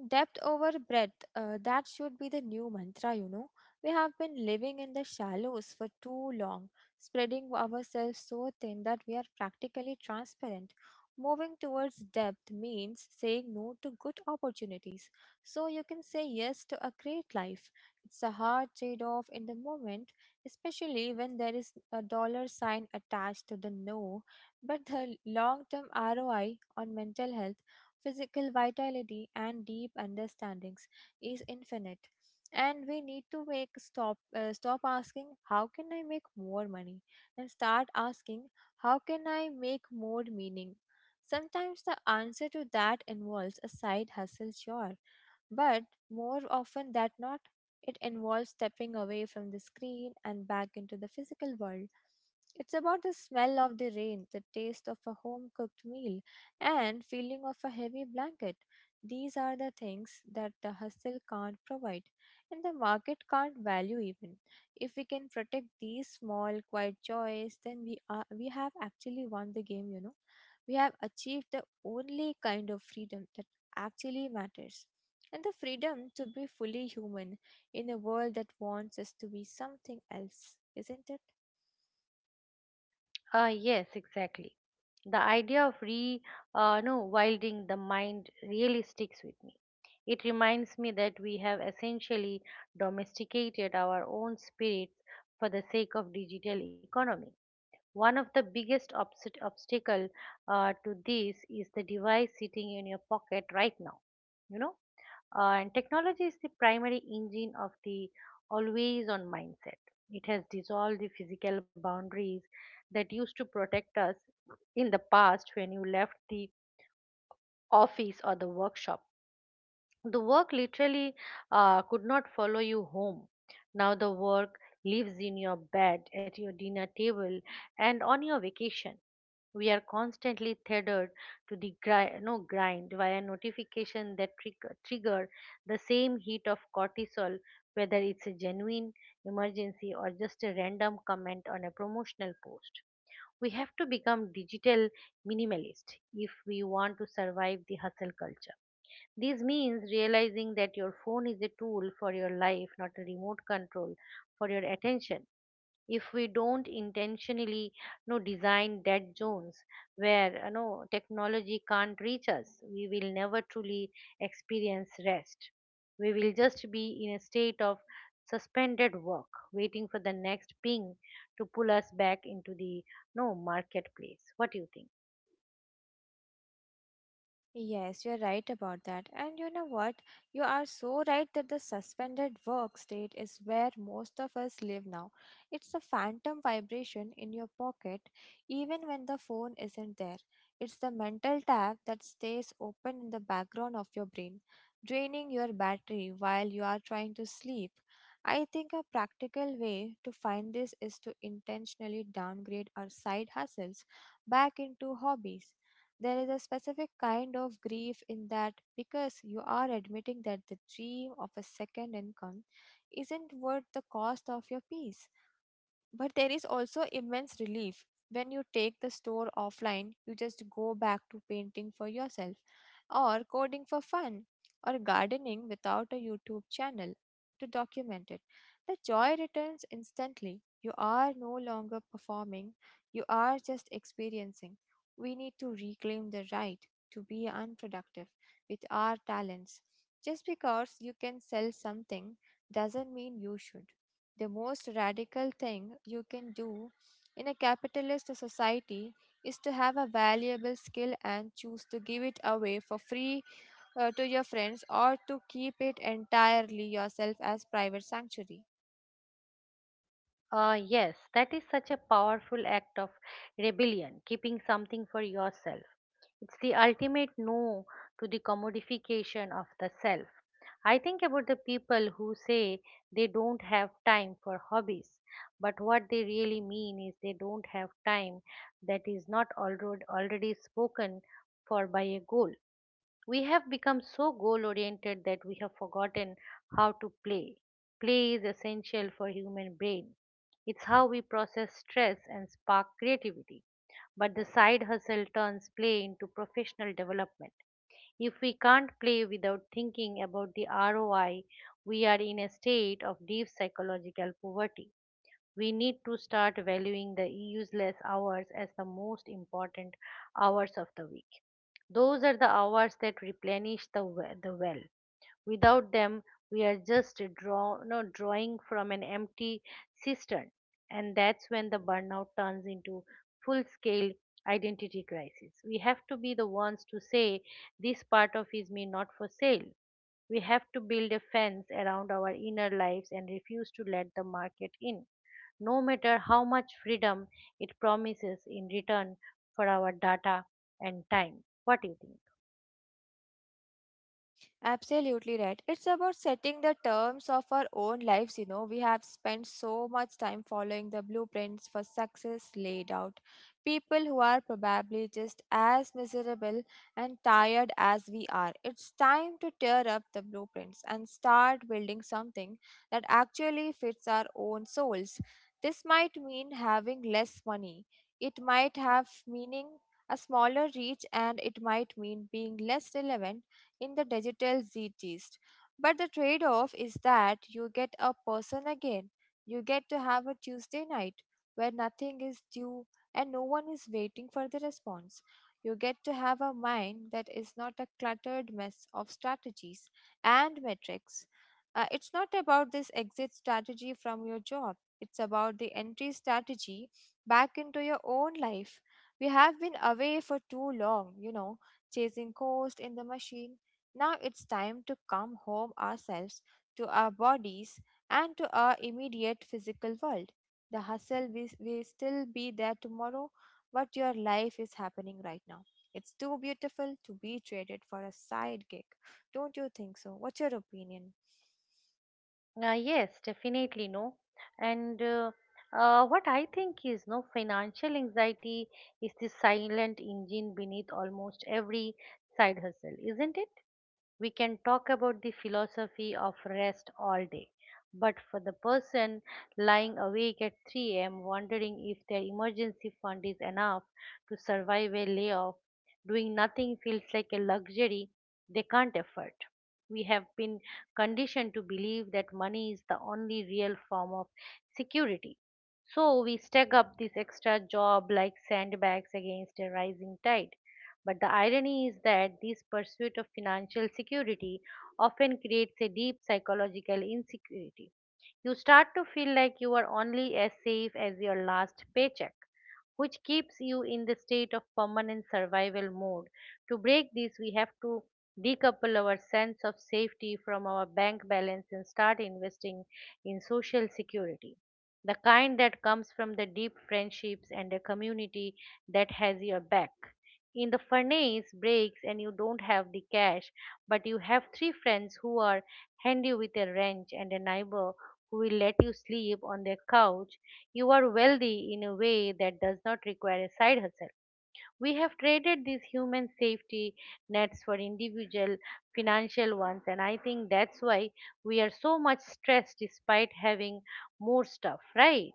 Speaker 2: Depth over breadth, that should be the new mantra, you know. We have been living in the shallows for too long, spreading ourselves so thin that we are practically transparent. Moving towards depth means saying no to good opportunities, so you can say yes to a great life. It's a hard trade off in the moment, especially when there is a dollar sign attached to the no, but the long term ROI on mental health, physical vitality, and deep understandings is infinite. And we need to make stop stop asking how can I make more money and start asking how can I make more meaning. Sometimes the answer to that involves a side hustle, sure, but more often than not, it involves stepping away from the screen and back into the physical world. It's about the smell of the rain, the taste of a home cooked meal, and feeling of a heavy blanket. These are the things that the hustle can't provide, and the market can't value even. If we can protect these small, quiet joys, then we have actually won the game. You know, we have achieved the only kind of freedom that actually matters and the freedom to be fully human in a world that wants us to be something else, isn't it?
Speaker 1: Yes, exactly. The idea of re no wilding the mind really sticks with me. It reminds me that we have essentially domesticated our own spirits for the sake of digital economy. One of the biggest obstacle to this is the device sitting in your pocket right now, you know. And technology is the primary engine of the always on mindset. It has dissolved the physical boundaries that used to protect us in the past when you left the office or the workshop. The work literally could not follow you home. Now the work lives in your bed, at your dinner table, and on your vacation. We are constantly tethered to the grind, no grind via notification that trigger the same heat of cortisol, whether it's a genuine emergency or just a random comment on a promotional post. We have to become digital minimalist if we want to survive the hustle culture. This means realizing that your phone is a tool for your life, not a remote control for your attention. If we don't intentionally, design dead zones where, technology can't reach us, we will never truly experience rest. We will just be in a state of suspended work, waiting for the next ping to pull us back into the no marketplace. What do you think?
Speaker 2: Yes, you're right about that. And you know what? You are so right that the suspended work state is where most of us live now. It's a phantom vibration in your pocket, even when the phone isn't there. It's the mental tab that stays open in the background of your brain, draining your battery while you are trying to sleep. I think a practical way to find this is to intentionally downgrade our side hustles back into hobbies. There is a specific kind of grief in that because you are admitting that the dream of a second income isn't worth the cost of your peace. But there is also immense relief. When you take the store offline, you just go back to painting for yourself, or coding for fun, or gardening without a YouTube channel to document it. The joy returns instantly. You are no longer performing, you are just experiencing. We need to reclaim the right to be unproductive with our talents. Just because you can sell something doesn't mean you should. The most radical thing you can do in a capitalist society is to have a valuable skill and choose to give it away for free to your friends or to keep it entirely yourself as private sanctuary.
Speaker 1: Yes, that is such a powerful act of rebellion, keeping something for yourself. It's the ultimate no to the commodification of the self. I think about the people who say they don't have time for hobbies, but what they really mean is they don't have time that is not already spoken for by a goal. We have become so goal oriented that we have forgotten how to play. Play is essential for human brain. It's how we process stress and spark creativity, but the side hustle turns play into professional development. If we can't play without thinking about the ROI, we are in a state of deep psychological poverty. We need to start valuing the useless hours as the most important hours of the week. Those are the hours that replenish the well. Without them, we are just draw, no, drawing from an empty cistern. And that's when the burnout turns into full scale identity crisis. We have to be the ones to say, this part of is me not for sale. We have to build a fence around our inner lives and refuse to let the market in, no matter how much freedom it promises in return for our data and time. What do you think?
Speaker 2: Absolutely right. It's about setting the terms of our own lives, you know. We have spent so much time following the blueprints for success laid out. People who are probably just as miserable and tired as we are. It's time to tear up the blueprints and start building something that actually fits our own souls. This might mean having less money. It might have meaning a smaller reach and it might mean being less relevant in the digital zeitgeist. But the trade off is that you get a person again. You get to have a Tuesday night where nothing is due and no one is waiting for the response. You get to have a mind that is not a cluttered mess of strategies and metrics. It's not about this exit strategy from your job, it's about the entry strategy back into your own life. We have been away for too long, you know, chasing ghosts in the machine. Now it's time to come home ourselves, to our bodies, and to our immediate physical world. The hustle will still be there tomorrow, but your life is happening right now. It's too beautiful to be traded for a side gig. Don't you think so? What's your opinion?
Speaker 1: Yes, definitely no. And what I think is no financial anxiety is the silent engine beneath almost every side hustle, isn't it? We can talk about the philosophy of rest all day, but for the person lying awake at 3 a.m. wondering if their emergency fund is enough to survive a layoff, doing nothing feels like a luxury they can't afford. We have been conditioned to believe that money is the only real form of security. So we stack up this extra job like sandbags against a rising tide, but the irony is that this pursuit of financial security often creates a deep psychological insecurity. You start to feel like you are only as safe as your last paycheck, which keeps you in the state of permanent survival mode. To break this, we have to decouple our sense of safety from our bank balance and start investing in social security. The kind that comes from the deep friendships and a community that has your back. In the furnace breaks and you don't have the cash, but you have three friends who are handy with a wrench and a neighbor who will let you sleep on their couch. You are wealthy in a way that does not require a side hustle. We have traded these human safety nets for individual financial ones, and I think that's why we are so much stressed despite having more stuff, right?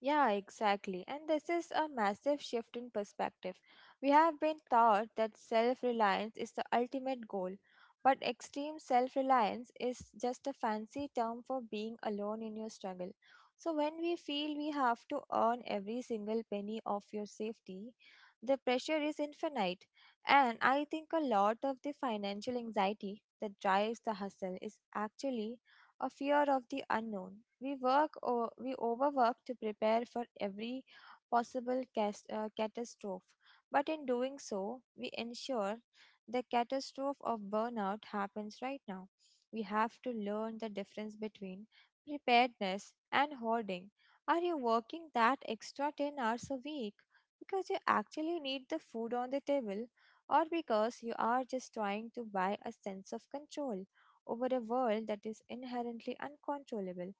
Speaker 2: Yeah, exactly. And this is a massive shift in perspective. We have been taught that self reliance is the ultimate goal, but extreme self reliance is just a fancy term for being alone in your struggle. So, when we feel we have to earn every single penny of your safety, the pressure is infinite. And I think a lot of the financial anxiety that drives the hustle is actually a fear of the unknown. We work or we overwork to prepare for every possible catastrophe, but in doing so, we ensure the catastrophe of burnout happens right now. We have to learn the difference between preparedness and hoarding. Are you working that extra 10 hours a week because you actually need the food on the table or because you are just trying to buy a sense of control over a world that is inherently uncontrollable?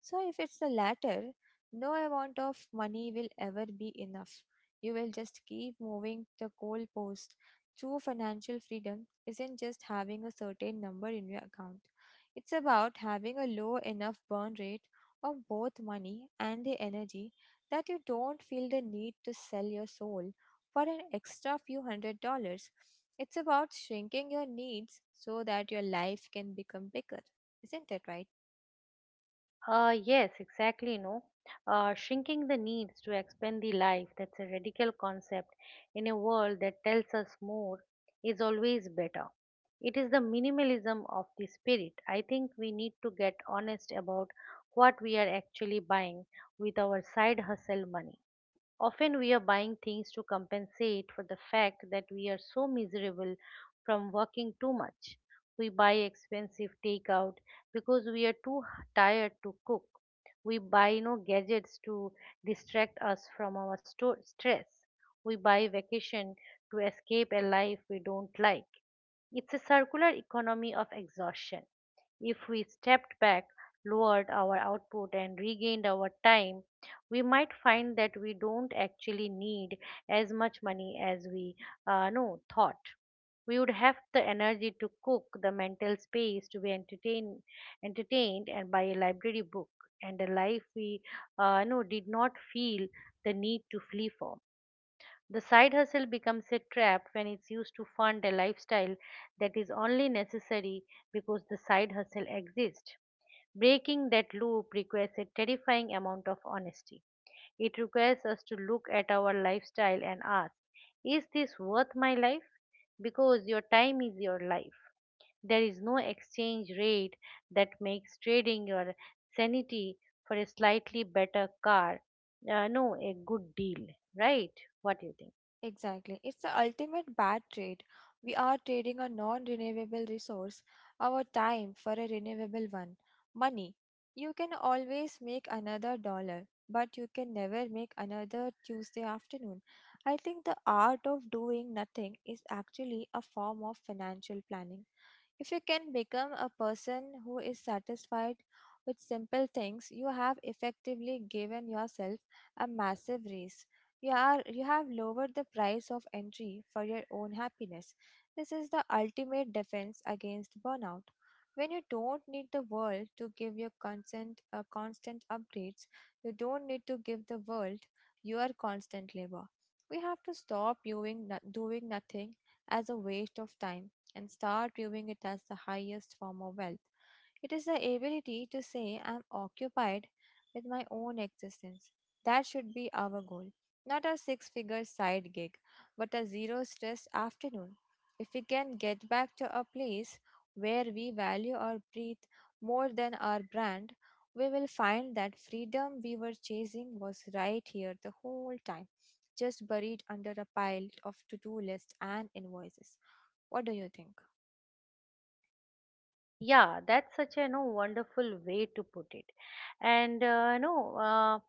Speaker 2: So, if it's the latter, no amount of money will ever be enough. You will just keep moving the goalpost. True financial freedom isn't just having a certain number in your account, it's about having a low enough burn rate of both money and the energy that you don't feel the need to sell your soul for an extra few $100s. It's about shrinking your needs so that your life can become bigger. Isn't it right?
Speaker 1: Yes, exactly. No, Shrinking the needs to expand the life, that's a radical concept in a world that tells us more is always better. It is the minimalism of the spirit. I think we need to get honest about what we are actually buying with our side hustle money. Often we are buying things to compensate for the fact that we are so miserable from working too much. We buy expensive takeout because we are tired to cook. We buy no gadgets to distract us from our stress. We buy vacation to escape a life we don't like. It's a circular economy of exhaustion. If we stepped back, lowered our output, and regained our time, we might find that we don't actually need as much money as we no thought. We would have the energy to cook, the mental space to be entertained, and by a library book and a life we no did not feel the need to flee for. The side hustle becomes a trap when it's used to fund a lifestyle that is only necessary because the side hustle exists. Breaking that loop requires a terrifying amount of honesty. It requires us to look at our lifestyle and ask, is this worth my life? Because your time is your life. There is no exchange rate that makes trading your sanity for a slightly better car. No, a good deal, right? What do you think?
Speaker 2: Exactly. It's the ultimate bad trade. We are trading a non renewable resource, our time, for a renewable one, money. You can always make another dollar, but you can never make another Tuesday afternoon. I think the art of doing nothing is actually a form of financial planning. If you can become a person who is satisfied with simple things, you have effectively given yourself a massive raise. You have lowered the price of entry for your own happiness. This is the ultimate defense against burnout. When you don't need the world to give you constant upgrades, you don't need to give the world your constant labor. We have to stop viewing no- doing nothing as a waste of time and start viewing it as the highest form of wealth. It is the ability to say, I'm occupied with my own existence. That should be our goal. Not a six figure side gig, but a zero stress afternoon. If we can get back to a place where we value our breath more than our brand, we will find that freedom we were chasing was right here the whole time, just buried under a pile of to do lists and invoices. What do you think?
Speaker 1: Yeah, that's such a no wonderful way to put it, and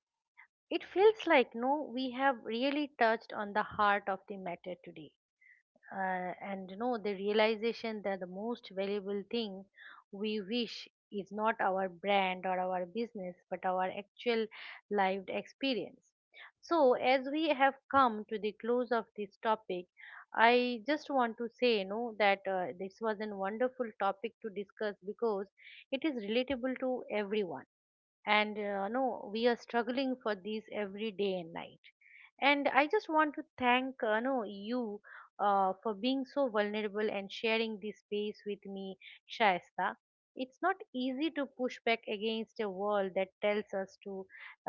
Speaker 1: it feels like no, we have really touched on the heart of the matter today, and you know the realization that the most valuable thing we wish is not our brand or our business but our actual lived experience. So as we have come to the close of this topic, I just want to say no that this was a wonderful topic to discuss because it is relatable to everyone, and no we are struggling for these every day and night. And I just want to thank no you for being so vulnerable and sharing this space with me, Shaista. It's not easy to push back against a world that tells us to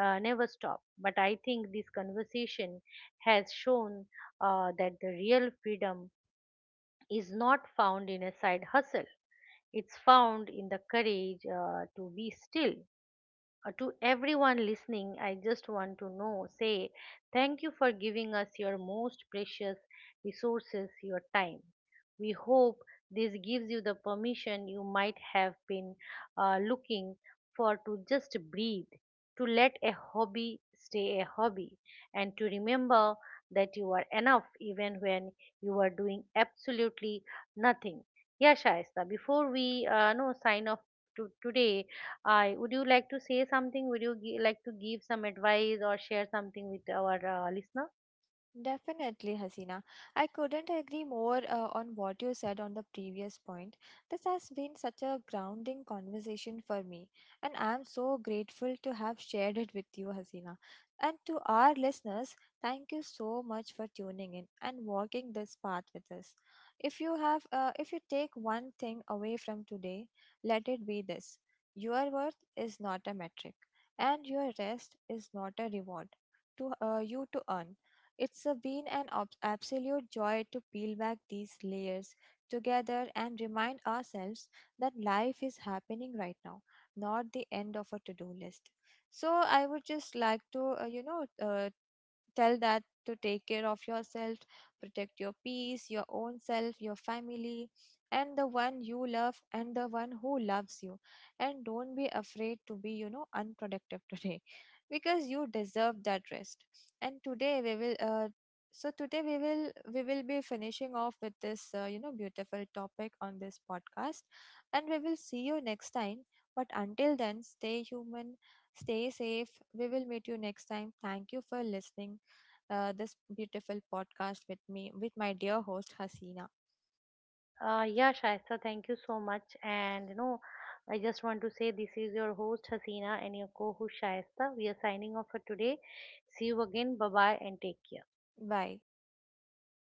Speaker 1: never stop, but I think this conversation has shown that the real freedom is not found in a side hustle. It's found in the courage to be still. To everyone listening, I just want to know say thank you for giving us your most precious resources, your time. We hope this gives you the permission you might have been looking for, to just breathe, to let a hobby stay a hobby, and to remember that you are enough even when you are doing absolutely nothing. Yeah, Shaista, before we no sign off to today, I would you like to say something? Would you like to give some advice or share something with our listener?
Speaker 2: Definitely, Hasina. I couldn't agree more on what you said on the previous point. This has been such a grounding conversation for me, and I'm so grateful to have shared it with you, Hasina. And to our listeners, thank you so much for tuning in and walking this path with us. If you take one thing away from today, let it be this: your worth is not a metric, and your rest is not a reward to you to earn. It's absolute joy to peel back these layers together and remind ourselves that life is happening right now, not the end of a to do list. So, I would just like to, tell that to take care of yourself, protect your peace, your own self, your family, and the one you love and the one who loves you. And don't be afraid to be, unproductive today because you deserve that rest. And today we will so today we will be finishing off with this you know beautiful topic on this podcast and we will see you next time, but until then stay human, stay safe. We will meet you next time. Thank you for listening this beautiful podcast with me, with my dear host Hasina.
Speaker 1: Yeah, Shaista, thank you so much. And you know, I just want to say this is your host Hasina and your co-host Shaista. We are signing off for today. See you again. Bye bye and take care.
Speaker 2: Bye.